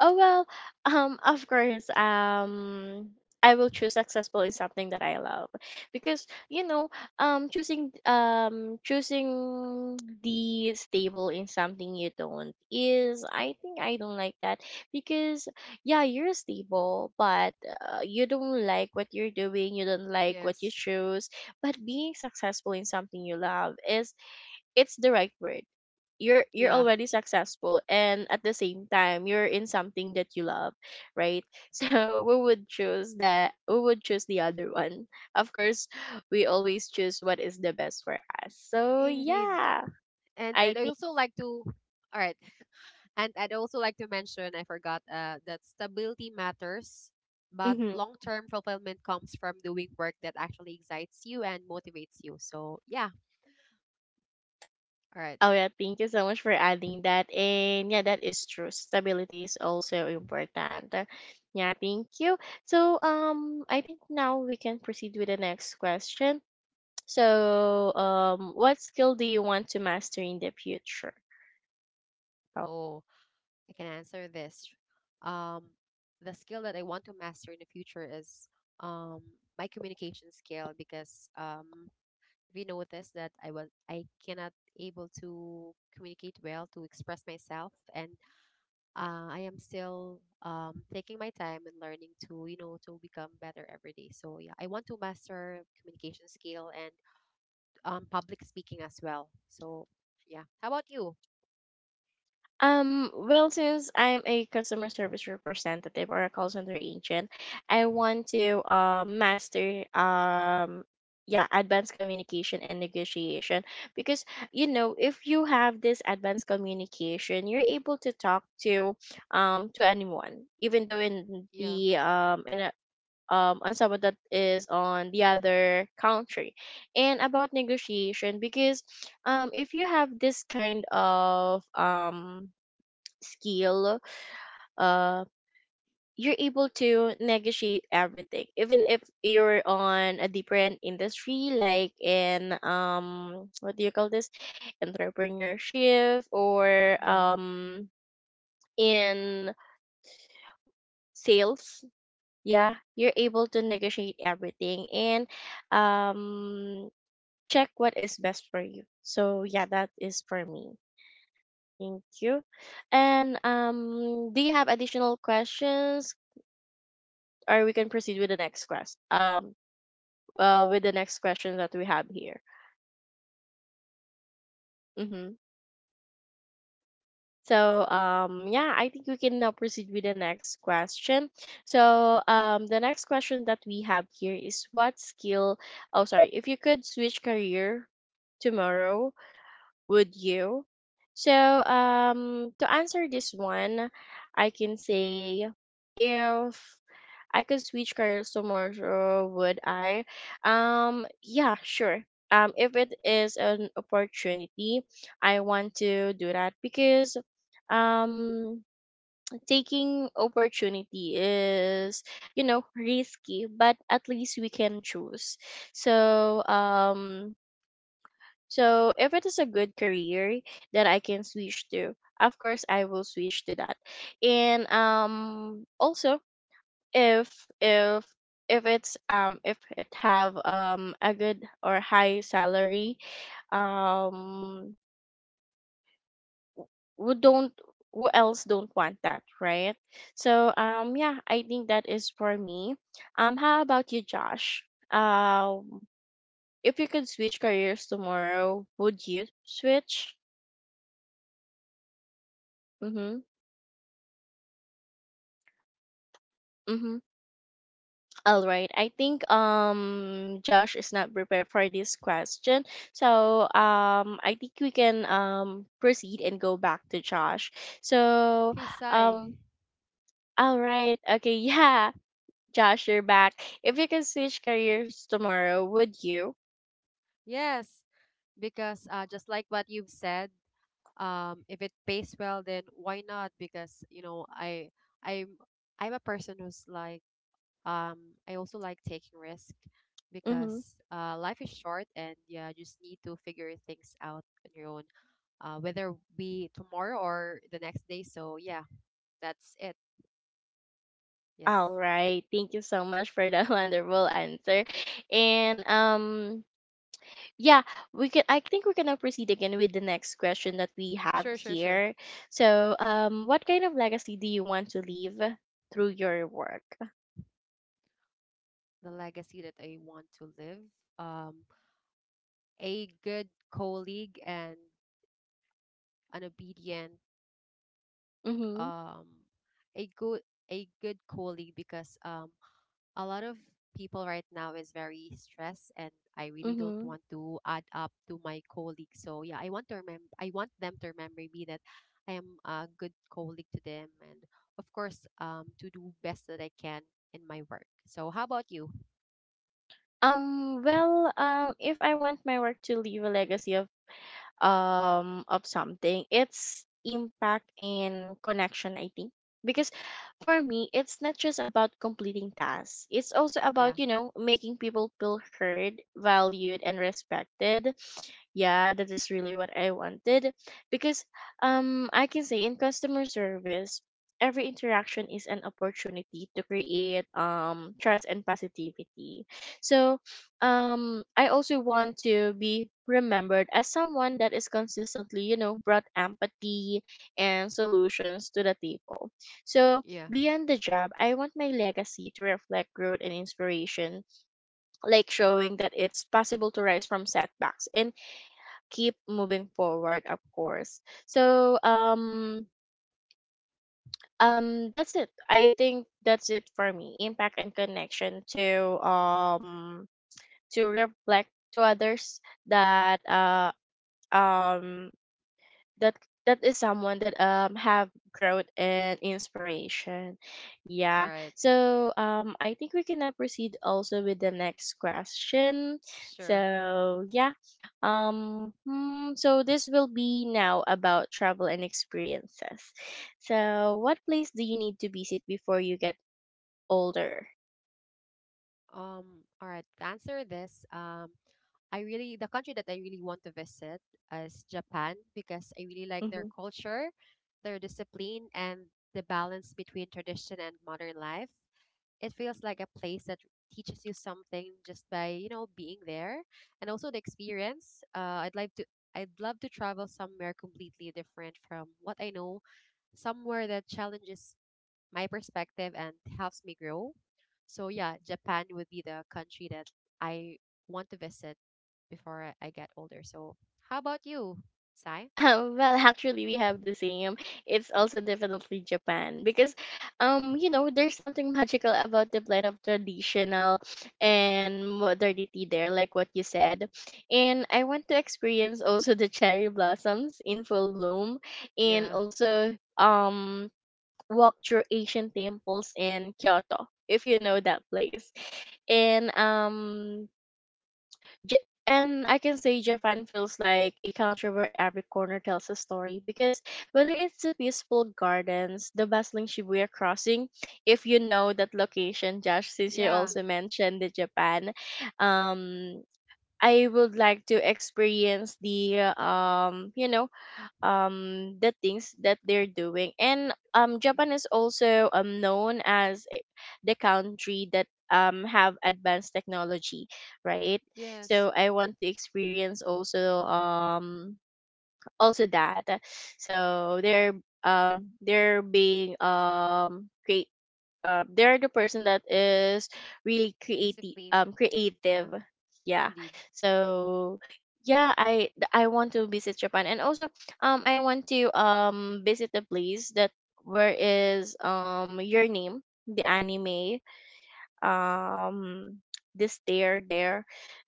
S1: Oh well, um, of course, um, I will choose successful in something that I love because you know, um, choosing um, choosing the stable in something you don't is, I think, I don't like that because yeah, you're stable, but uh, you don't like what you're doing, you don't like what you
S2: yes
S1: choose, but being successful in something you love is it's the right word. You're you're
S2: yeah
S1: already successful and at the same time you're in something that you love, right? So we would choose that, we would choose the other one, of course. We always choose what is the best for us, so
S2: indeed
S1: yeah,
S2: and
S1: I
S2: I'd
S1: think
S2: also like to all right. And I'd also like to mention I forgot uh that stability matters, but
S1: mhm.
S2: long term fulfillment comes from doing work that actually excites you and motivates you. So yeah, all right.
S1: Oh yeah, thank you so much for adding that, and yeah, that is true, stability is also important. Yeah, thank you. So um I think now we can proceed with the next question. So, um, what skill do you want to master in the future? Oh.
S2: Oh, I can answer this. Um the skill that I want to master in the future is um my communication skill because um we noticed that I was I cannot able to communicate well to express myself and uh, I am still um, taking my time and learning to you know to become better every day. So yeah, I want to master communication skill and um, public speaking as well. So yeah, how about you?
S1: Um, well, since I'm a customer service representative or a call center agent, I want to uh, master um yeah, advanced communication and negotiation because you know, if you have this advanced communication, you're able to talk to um to anyone, even though in
S2: Yeah,
S1: the um in a um, on someone that is on the other country. And about negotiation, because um, if you have this kind of um, skill, uh, you're able to negotiate everything, even if you're on a different industry, like in um, what do you call this, entrepreneurship or
S2: yeah.
S1: um, in sales. Yeah, you're able to negotiate everything, and um check what is best for you. So yeah, that is for me. Thank you. And um, do you have additional questions, or we can proceed with the next quest? Um, uh, with the next question that we have here. Mm-hmm. So um, yeah, I think we can now proceed with the next question. So um, the next question that we have here is what skill? Oh, sorry. If you could switch career tomorrow, would you? So, um, to answer this one, I can say if I could switch careers tomorrow, would I? Um, yeah, sure. Um, if it is an opportunity, I want to do that because um taking opportunity is you know risky but at least we can choose, so um so if it is a good career that I can switch to, of course I will switch to that. And um also, if if if it's um if it have um a good or high salary, um who don't, who else don't want that, right? So um yeah, I think that is for me. Um how about you, Josh? Um if you could switch careers tomorrow, would you switch? Mm-hmm. Mm-hmm. All right. I think um Josh is not prepared for this question. So um I think we can um proceed and go back to Josh. So
S2: Mm. Hey, Sai.
S1: um all right. Okay, yeah. Josh, you're back. If you could switch careers tomorrow, would you?
S2: Yes, because uh, just like what you've said, um, if it pays well, then why not? Because you know, I I'm I'm a person who's like Um, I also like taking risk
S1: Mm-hmm.
S2: because uh, life is short and yeah, you just need to figure things out on your own, uh, whether be tomorrow or the next day. So yeah, that's it. Yes,
S1: All right. Thank you so much for that wonderful answer. And um yeah, we can, I think we're gonna proceed again with the next question that we have
S2: sure, sure, sure.
S1: here. So um what kind of legacy do you want to leave through your work?
S2: The legacy that I want to live, um, a good colleague and an obedient,
S1: Mm-hmm.
S2: um, a good a good colleague because um a lot of people right now is very stressed and I really don't
S1: Mm-hmm.
S2: want to add up to my colleagues. So yeah, I want to remember I want them to remember me that I am a good colleague to them and of course um to do best that I can in my work. So how about you?
S1: Um well um if I want my work to leave a legacy of um of something, it's impact and connection, I think, because for me it's not just about completing tasks, it's also
S2: Yeah.
S1: about you know making people feel heard, valued, and respected. Yeah, that is really what I wanted because um I can say in customer service every interaction is an opportunity to create um trust and positivity. So um I also want to be remembered as someone that is consistently, you know, brought empathy and solutions to the table. So
S2: Yeah.
S1: beyond the job, I want my legacy to reflect growth and inspiration, like showing that it's possible to rise from setbacks and keep moving forward, of course. So um um that's it. I think that's it for me. Impact and connection to um to reflect to others that uh um that that is someone that um have growth and inspiration,
S2: All
S1: yeah.
S2: right.
S1: So um I think we can now proceed also with the next question.
S2: Sure.
S1: So yeah, um hmm, so this will be now about travel and experiences. So what place do you need to visit before you get older?
S2: Um all right. To answer this, um I really the country that I really want to visit is Japan because I really like their
S1: Mm-hmm.
S2: culture, their discipline, and the balance between tradition and modern life. It feels like a place that teaches you something just by you know being there, and also the experience. Uh, I'd like to. I'd love to travel somewhere completely different from what I know, somewhere that challenges my perspective and helps me grow. So yeah, Japan would be the country that I want to visit before I, I get older. So how about you, Sai?
S1: Well, actually, we have the same. It's also definitely Japan because, um, you know, there's something magical about the blend of traditional and modernity there, like what you said. And I want to experience also the cherry blossoms in full bloom, and
S2: Yeah.
S1: also um walk through Asian temples in Kyoto, if you know that place. And um Ja- and I can say Japan feels like a country where every corner tells a story because whether it's the peaceful gardens, the bustling Shibuya crossing, if you know that location, Josh, since you
S2: Yeah.
S1: also mentioned the Japan, um, I would like to experience the um, you know, um the things that they're doing, and um Japan is also um known as i- the country that um have advanced technology, right?
S2: Yes.
S1: So I want to experience also um also that. So they're um they're being um create, uh, they're the person that is really creative,
S2: Discipline.
S1: um
S2: Yeah.
S1: creative, yeah.
S2: Indeed.
S1: So yeah, i th- I want to visit Japan, and also um I want to um visit the place that, where is um your name, the anime, um this stair there,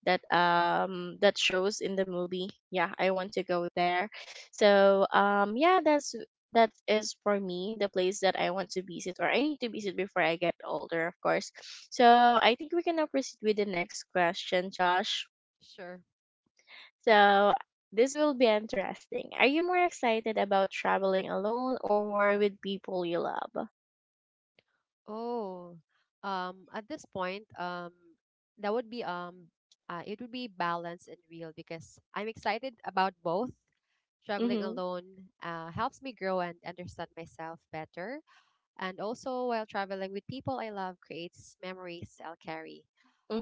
S1: that um that shows in the movie. Yeah, I want to go there. So um yeah, that's, that is for me the place that I want to visit, or I need to visit before I get older, of course. So I think we can now proceed with the next question, Josh.
S2: Sure.
S1: So this will be interesting, are you more excited about traveling alone or with people you love?
S2: Oh. Um. At this point, um, that would be um, uh, it would be balanced and real because I'm excited about both. Traveling
S1: Mm-hmm.
S2: alone uh, helps me grow and understand myself better. And also, while traveling with people I love creates memories I'll carry.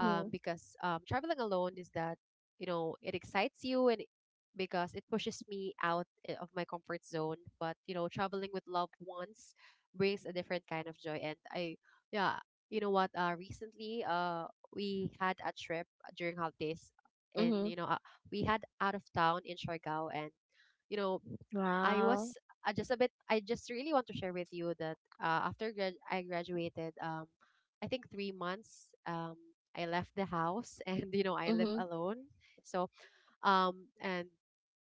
S2: Um, because um, traveling alone is that, you know, it excites you and it- because it pushes me out I- of my comfort zone. But, you know, traveling with loved ones brings a different kind of joy. And I, yeah, you know what? Uh, recently, uh, we had a trip during holidays and,
S1: Mm-hmm.
S2: you know, uh, we had out of town in Siargao and, you know, I
S1: Wow.
S2: was I just a bit I just really want to share with you that uh, after grad- I graduated, um, I think three months, um, I left the house and you know I live
S1: Mm-hmm.
S2: alone. So um, and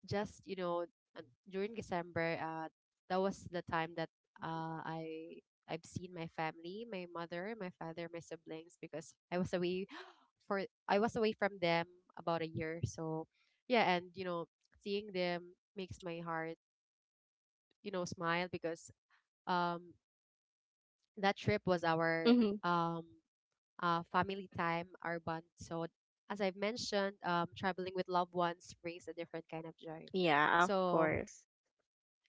S2: just you know uh, during December, uh, that was the time that uh, I I've seen my family, my mother, my father, my siblings because I was away for I was away from them about a year. So yeah, and you know seeing them makes my heart you know smile because um that trip was our um uh, family time, our bond. So as I've mentioned, um, traveling with loved ones brings a different kind of joy.
S1: Yeah, of
S2: So
S1: course.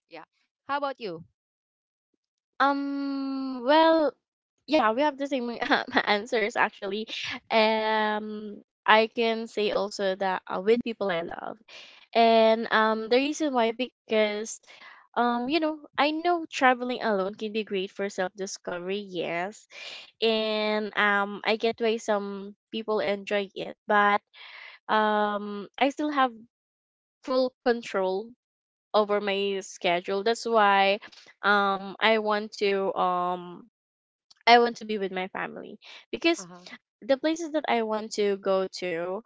S2: yeah, how about you?
S1: Um, well, yeah, we have the same um, answers actually. Um, I can say also that uh, with people I love, and um, the reason why, because um, you know, I know traveling alone can be great for self discovery, yes, and um, I get why some people enjoy it, but um, I still have full control over my schedule. That's why um I want to um I want to be with my family
S2: Uh
S1: because
S2: huh.
S1: the places that I want to go to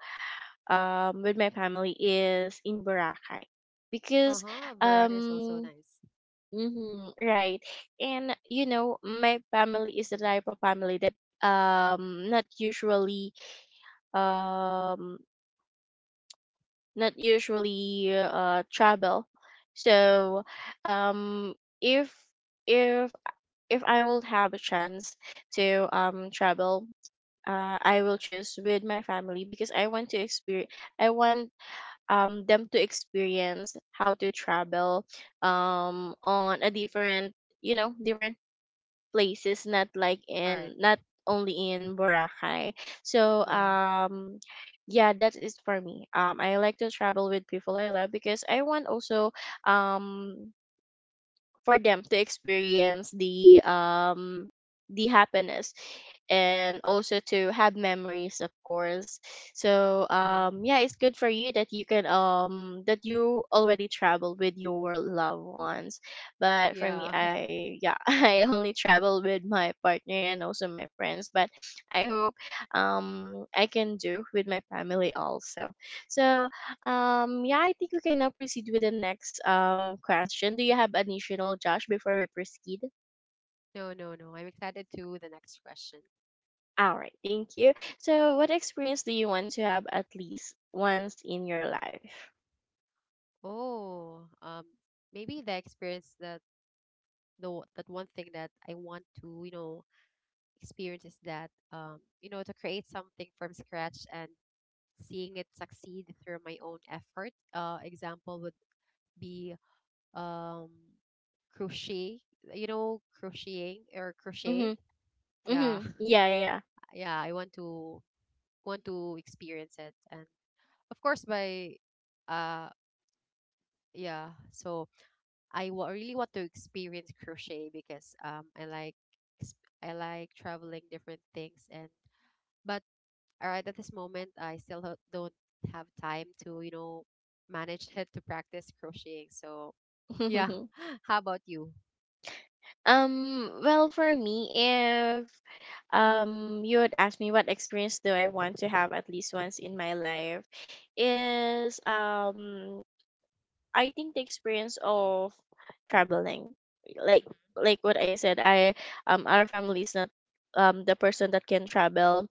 S1: um with my family is in Boracay
S2: Uh
S1: because
S2: huh. Baraka is also
S1: um
S2: nice.
S1: mhm, right. And you know my family is the type of family that um not usually um not usually uh travel. So um if if if I will have a chance to um travel, uh, I will choose with my family because I want to experience. I want um them to experience how to travel um on a different you know different places, not like
S2: All right.
S1: in, not only in Boracay. So
S2: Yeah.
S1: um yeah, that is for me. Um I like to travel with people I love because I want also, um for them to experience the um the happiness, and also to have memories, of course. So
S2: Uh
S1: um
S2: huh.
S1: yeah, it's good for you that you can um that you already travel with your loved ones. But for me,
S2: Yeah.
S1: I yeah, I only travel with my partner and also my friends. But I hope um I can do with my family also. So um, yeah, I think we can now proceed with the next um question. Do you have additional, Josh, before we proceed?
S2: No, no, no, I'm excited to the next question.
S1: All right, thank you. So, what experience do you want to have at least once in your life?
S2: Oh, um, maybe the experience that the o- that one thing that I want to you know experience is that um you know to create something from scratch and seeing it succeed through my own effort. Uh, example would be um, crochet. You know, crocheting or crochet.
S1: Mhm,
S2: Yeah,
S1: mhm, yeah, yeah.
S2: yeah. I want to want to experience it, and of course, by uh, yeah. So I wa- really want to experience crochet because um, I like ex- I like traveling different things and but all right at this moment I still ho- don't have time to you know manage it to practice crocheting so yeah how about you.
S1: Um, well, for me, if um you would ask me what experience do I want to have at least once in my life, is um I think the experience of traveling, like
S2: Mhm.
S1: like what I said, I um our family is not um the person that can travel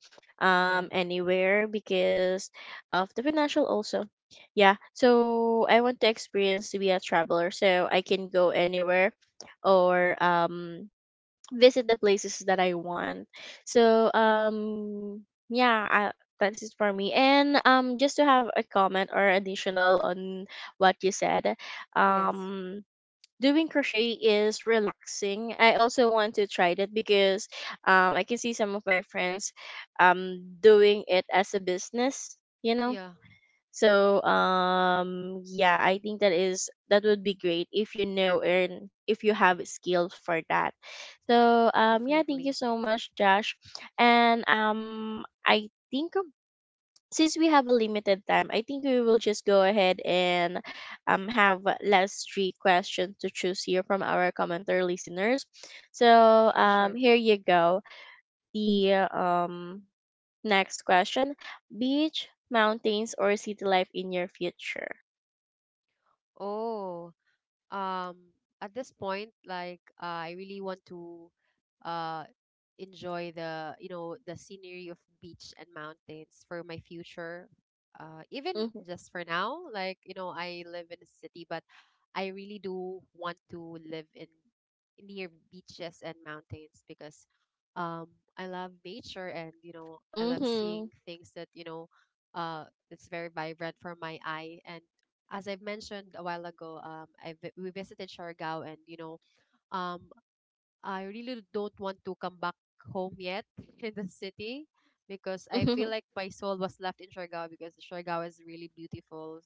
S2: Yeah.
S1: um anywhere because of the financial also. Yeah, so I want to experience to be a traveler, so I can go anywhere or um visit the places that I want. So um yeah, I, that's it for me. And um just to have a comment or additional on what you said,
S2: Yes.
S1: um doing crochet is relaxing. I also want to try that because um I can see some of my friends um doing it as a business, you know.
S2: Yeah,
S1: So um yeah, I think that is that would be great if you know and if you have skill for that. So um yeah, thank you
S2: definitely.
S1: so much, Josh. And um I think um, since we have a limited time, I think we will just go ahead and um have last three questions to choose here from our commenter listeners. So
S2: Sure,
S1: um
S2: sure.
S1: here you go. The um Next question Beach, mountains, or city life in your future?
S2: Oh, um at this point like, uh, I really want to uh enjoy the you know the scenery of beach and mountains for my future uh even
S1: Mm-hmm.
S2: just for now like you know I live in a city but I really do want to live in near beaches and mountains because um I love nature and you know I love seeing
S1: Mm-hmm.
S2: things that you know uh it's very vibrant for my eye and as I've mentioned a while ago, um, I vi- we visited Siargao, and you know, um, I really don't want to come back home yet in the city because I feel like my soul was left in Siargao because Siargao is really beautiful.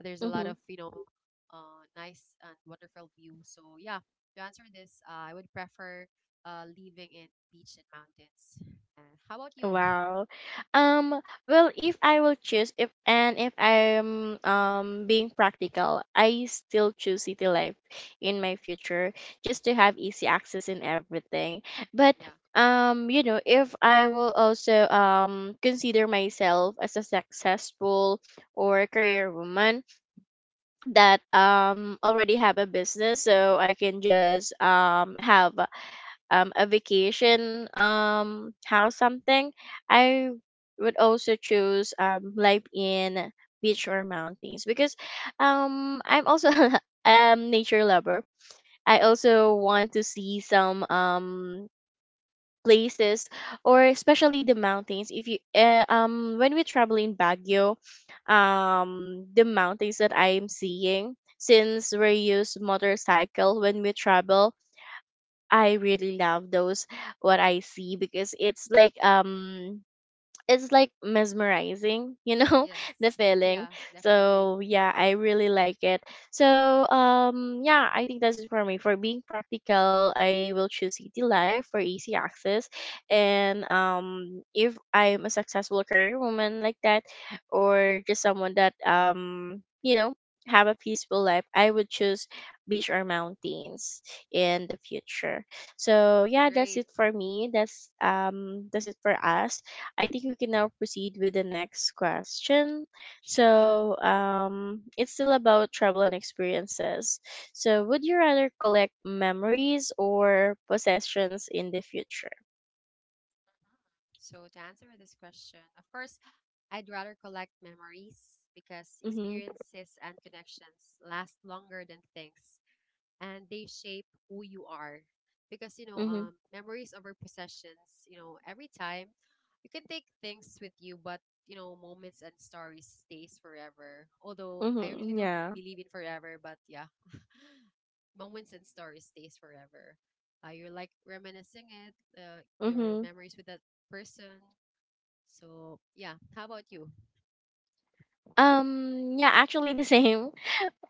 S2: There's a lot
S1: Mm-hmm.
S2: of you know, uh, nice and wonderful view. So yeah, to answer this, uh, I would prefer uh living in beach and mountains. And how about you?
S1: Wow. Um, well, if I will choose if and if I'm um being practical, I still choose city life in my future, just to have easy access in everything. But
S2: Yeah,
S1: um, you know, if I will also um consider myself as a successful or career woman that um already have a business, so I can just um have um, a vacation um, house something, I would also choose um, life in beach or mountains, because um, I'm also um nature lover. I
S2: yeah,
S1: also want to see some um places, or especially the mountains if you uh, um when we travel in Baguio, um the mountains that I'm seeing, since we use motorcycle when we travel, I really love those, what I see, because it's like um it's like mesmerizing, you know,
S2: yes,
S1: the feeling.
S2: yeah, definitely,
S1: So yeah, I really like it. So um yeah, I think that's it for me. For being practical, I will choose city life for easy access. And um if I'm a successful career woman like that, or just someone that um you know, have a peaceful life, I would choose beach or mountains in the future. So yeah, that's
S2: great.
S1: it for me. That's um that's it for us. I think we can now proceed with the next question.
S2: Sure, sure.
S1: So, um, it's still about travel and experiences. So, would you rather collect memories or possessions in the future?
S2: So, to answer this question, of course, I'd rather collect memories because
S1: Mm-hmm.
S2: experiences and connections last longer than things and they shape who you are because you know
S1: Mm-hmm.
S2: um memories over possessions you know every time you can take things with you but you know moments and stories stays forever although I really
S1: Mm-hmm.
S2: don't
S1: Yeah.
S2: believe in forever but yeah moments and stories stays forever uh, you're like reminiscing it uh, your
S1: Mm-hmm.
S2: memories with that person so yeah how about you.
S1: Um. Yeah. Actually, the same.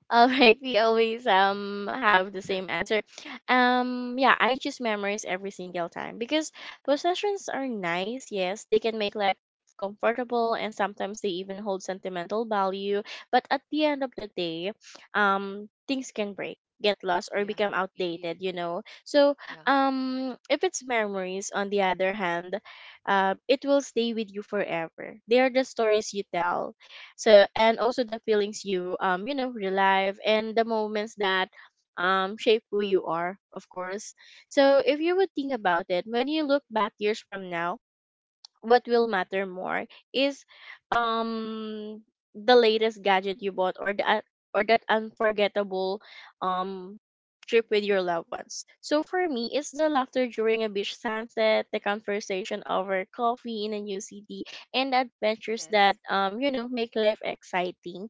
S1: All right, we always um have the same answer. Um yeah, I choose memories every single time, because possessions are nice, yes, they can make life comfortable, and sometimes they even hold sentimental value, but at the end of the day, um things can break, get lost, or
S2: Yeah,
S1: become
S2: indeed.
S1: outdated, you know. So,
S2: Yeah.
S1: um if it's memories on the other hand, um it will stay with you forever. They are the stories you tell, so, and also the feelings you um you know relive, and the moments that um shape who you are, of course. So if you would think about it, when you look back years from now, what will matter more is um the latest gadget you bought, or that or that unforgettable um trip with your loved ones. So for me, it's the laughter during a beach sunset, the conversation over coffee in a new city, and adventures that
S2: Yes,
S1: um you know make life exciting.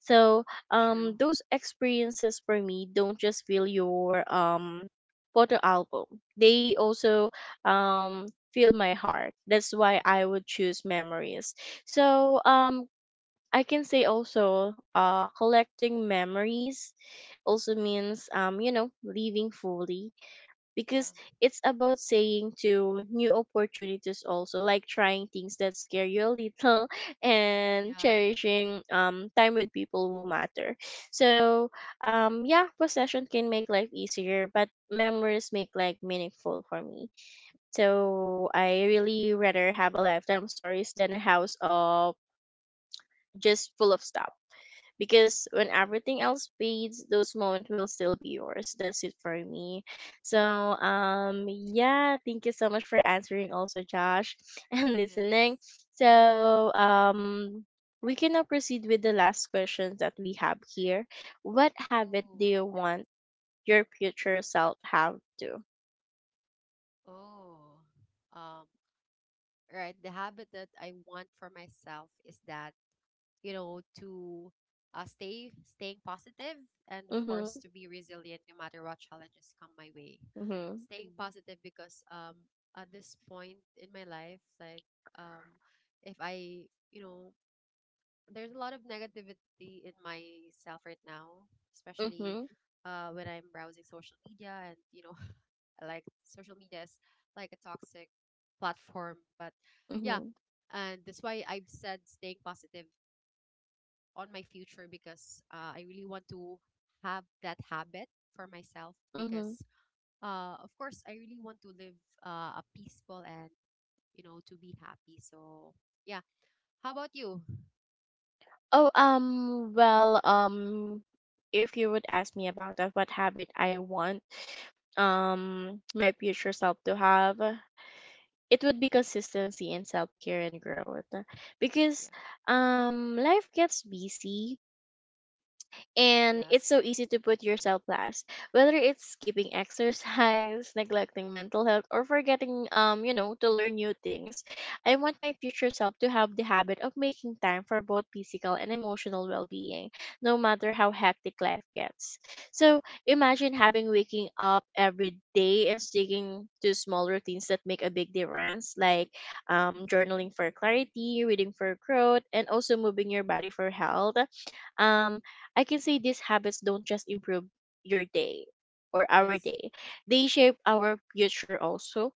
S1: So
S2: true.
S1: um those experiences, for me, don't just fill your um photo album. They also um filled my heart. That's why I would choose memories. So, um, I can say also, uh, collecting memories also means, um, you know, living fully,
S2: Yeah,
S1: because it's about saying to new opportunities also, like trying things that scare you a little and
S2: yeah,
S1: cherishing, um, time with people who matter. So, um, yeah, possession can make life easier, but memories make life meaningful for me. So I really rather have a lifetime of stories than a house of just full of stuff. Because when
S2: yeah.
S1: everything else fades, those moments will still be yours. That's it for me. So um yeah, thank you so much for answering also, Josh, and
S2: Yes.
S1: listening. So um we can now proceed with the last questions that we have here. What habit do
S2: Oh,
S1: you want your future self have to?
S2: oh. Um, right. The habit that I want for myself is that, you know, to uh, stay staying positive and of course
S1: Mm-hmm.
S2: to be resilient no matter what challenges come my way.
S1: Mm-hmm.
S2: Staying Mhm. positive because um at this point in my life, like um if I, you know, there's a lot of negativity in myself right now, especially
S1: Mm-hmm.
S2: uh when I'm browsing social media and, you know, like social media is like a toxic platform but yeah
S1: Mm-hmm.
S2: and that's why I've said staying positive on my future because uh, I really want to have that habit for myself
S1: Mm-hmm.
S2: because uh, of course I really want to live uh, a peaceful and you know to be happy so yeah how about you.
S1: Oh, um, well, um, if you would ask me about that, what habit I want, um, my future self to have, it would be consistency in self care and growth. Because,
S2: Yeah.
S1: um, life gets busy, and it's
S2: Yes.
S1: so easy to put yourself last, whether it's skipping exercise, neglecting mental health, or forgetting, um, you know, to learn new things. I want my future self to have the habit of making time for both physical and emotional well being, no matter how hectic life gets. So
S2: Yeah.
S1: imagine having waking up every day and sticking to small routines that make a big difference, like, um, journaling for clarity, reading for growth, and also moving your body for health. um I can say these habits don't just improve your day, or our
S2: Yes,
S1: day. They shape our future also.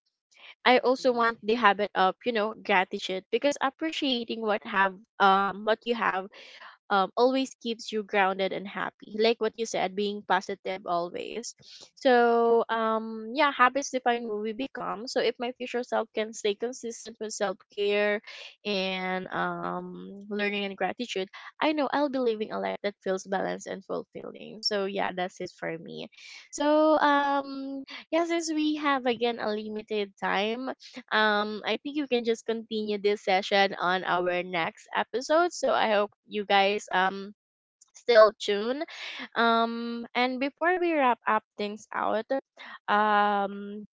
S1: I also
S2: indeed.
S1: want the habit of, you know, gratitude, because appreciating what have um what you have, um, always keeps you grounded and happy. Like what you said, being positive always.
S2: Yeah.
S1: So, um, yeah, habits define who we become. So, if my future self can stay consistent with self care, and um, learning and gratitude, I know I'll be living a life that feels balanced and fulfilling. So, yeah, that's it for me. So, um, yeah, since we have again a limited time, um I think you can just continue this session on our next episode, so I hope you guys um still tune. Um and before we wrap up things out, um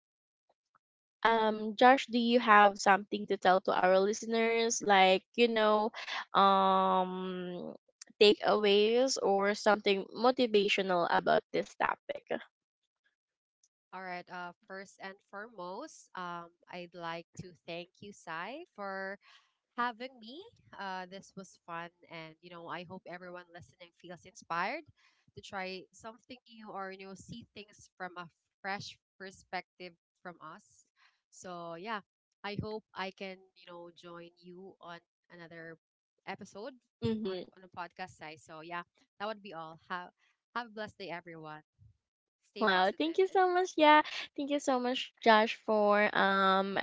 S1: um Josh, do you have something to tell to our listeners, like, you know, um takeaways or something motivational about this topic?
S2: All right. Uh, first and foremost, um, I'd like to thank you, Sai, for having me. Uh, this was fun, and you know, I hope everyone listening feels inspired to try something new or you know, see things from a fresh perspective from us. So yeah, I hope I can you know join you on another episode on
S1: Mm-hmm.
S2: on a podcast, Sai. So yeah, that would be all. Have have a blessed day, everyone. Stay
S1: Wow, thank
S2: positive,
S1: you
S2: and
S1: so
S2: you know.
S1: much. Yeah, thank you so much, Josh, for um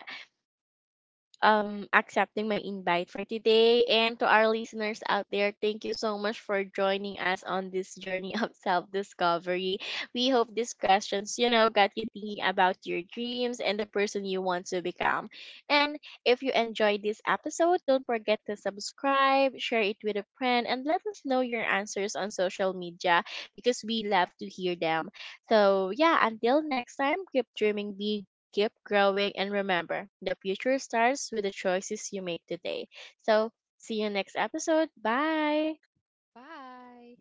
S1: um accepting my invite for today. And to our listeners out there, thank you so much for joining us on this journey of self-discovery. We hope these questions, you know, got you thinking about your dreams and the person you want to become. And if you enjoyed this episode, don't forget to subscribe, share it with a friend, and let us know your answers on social media, because we love to hear them. So yeah, until next time, keep dreaming big, keep growing, and remember, the future starts with the choices you make today. So, see you next episode. Bye.
S2: Bye.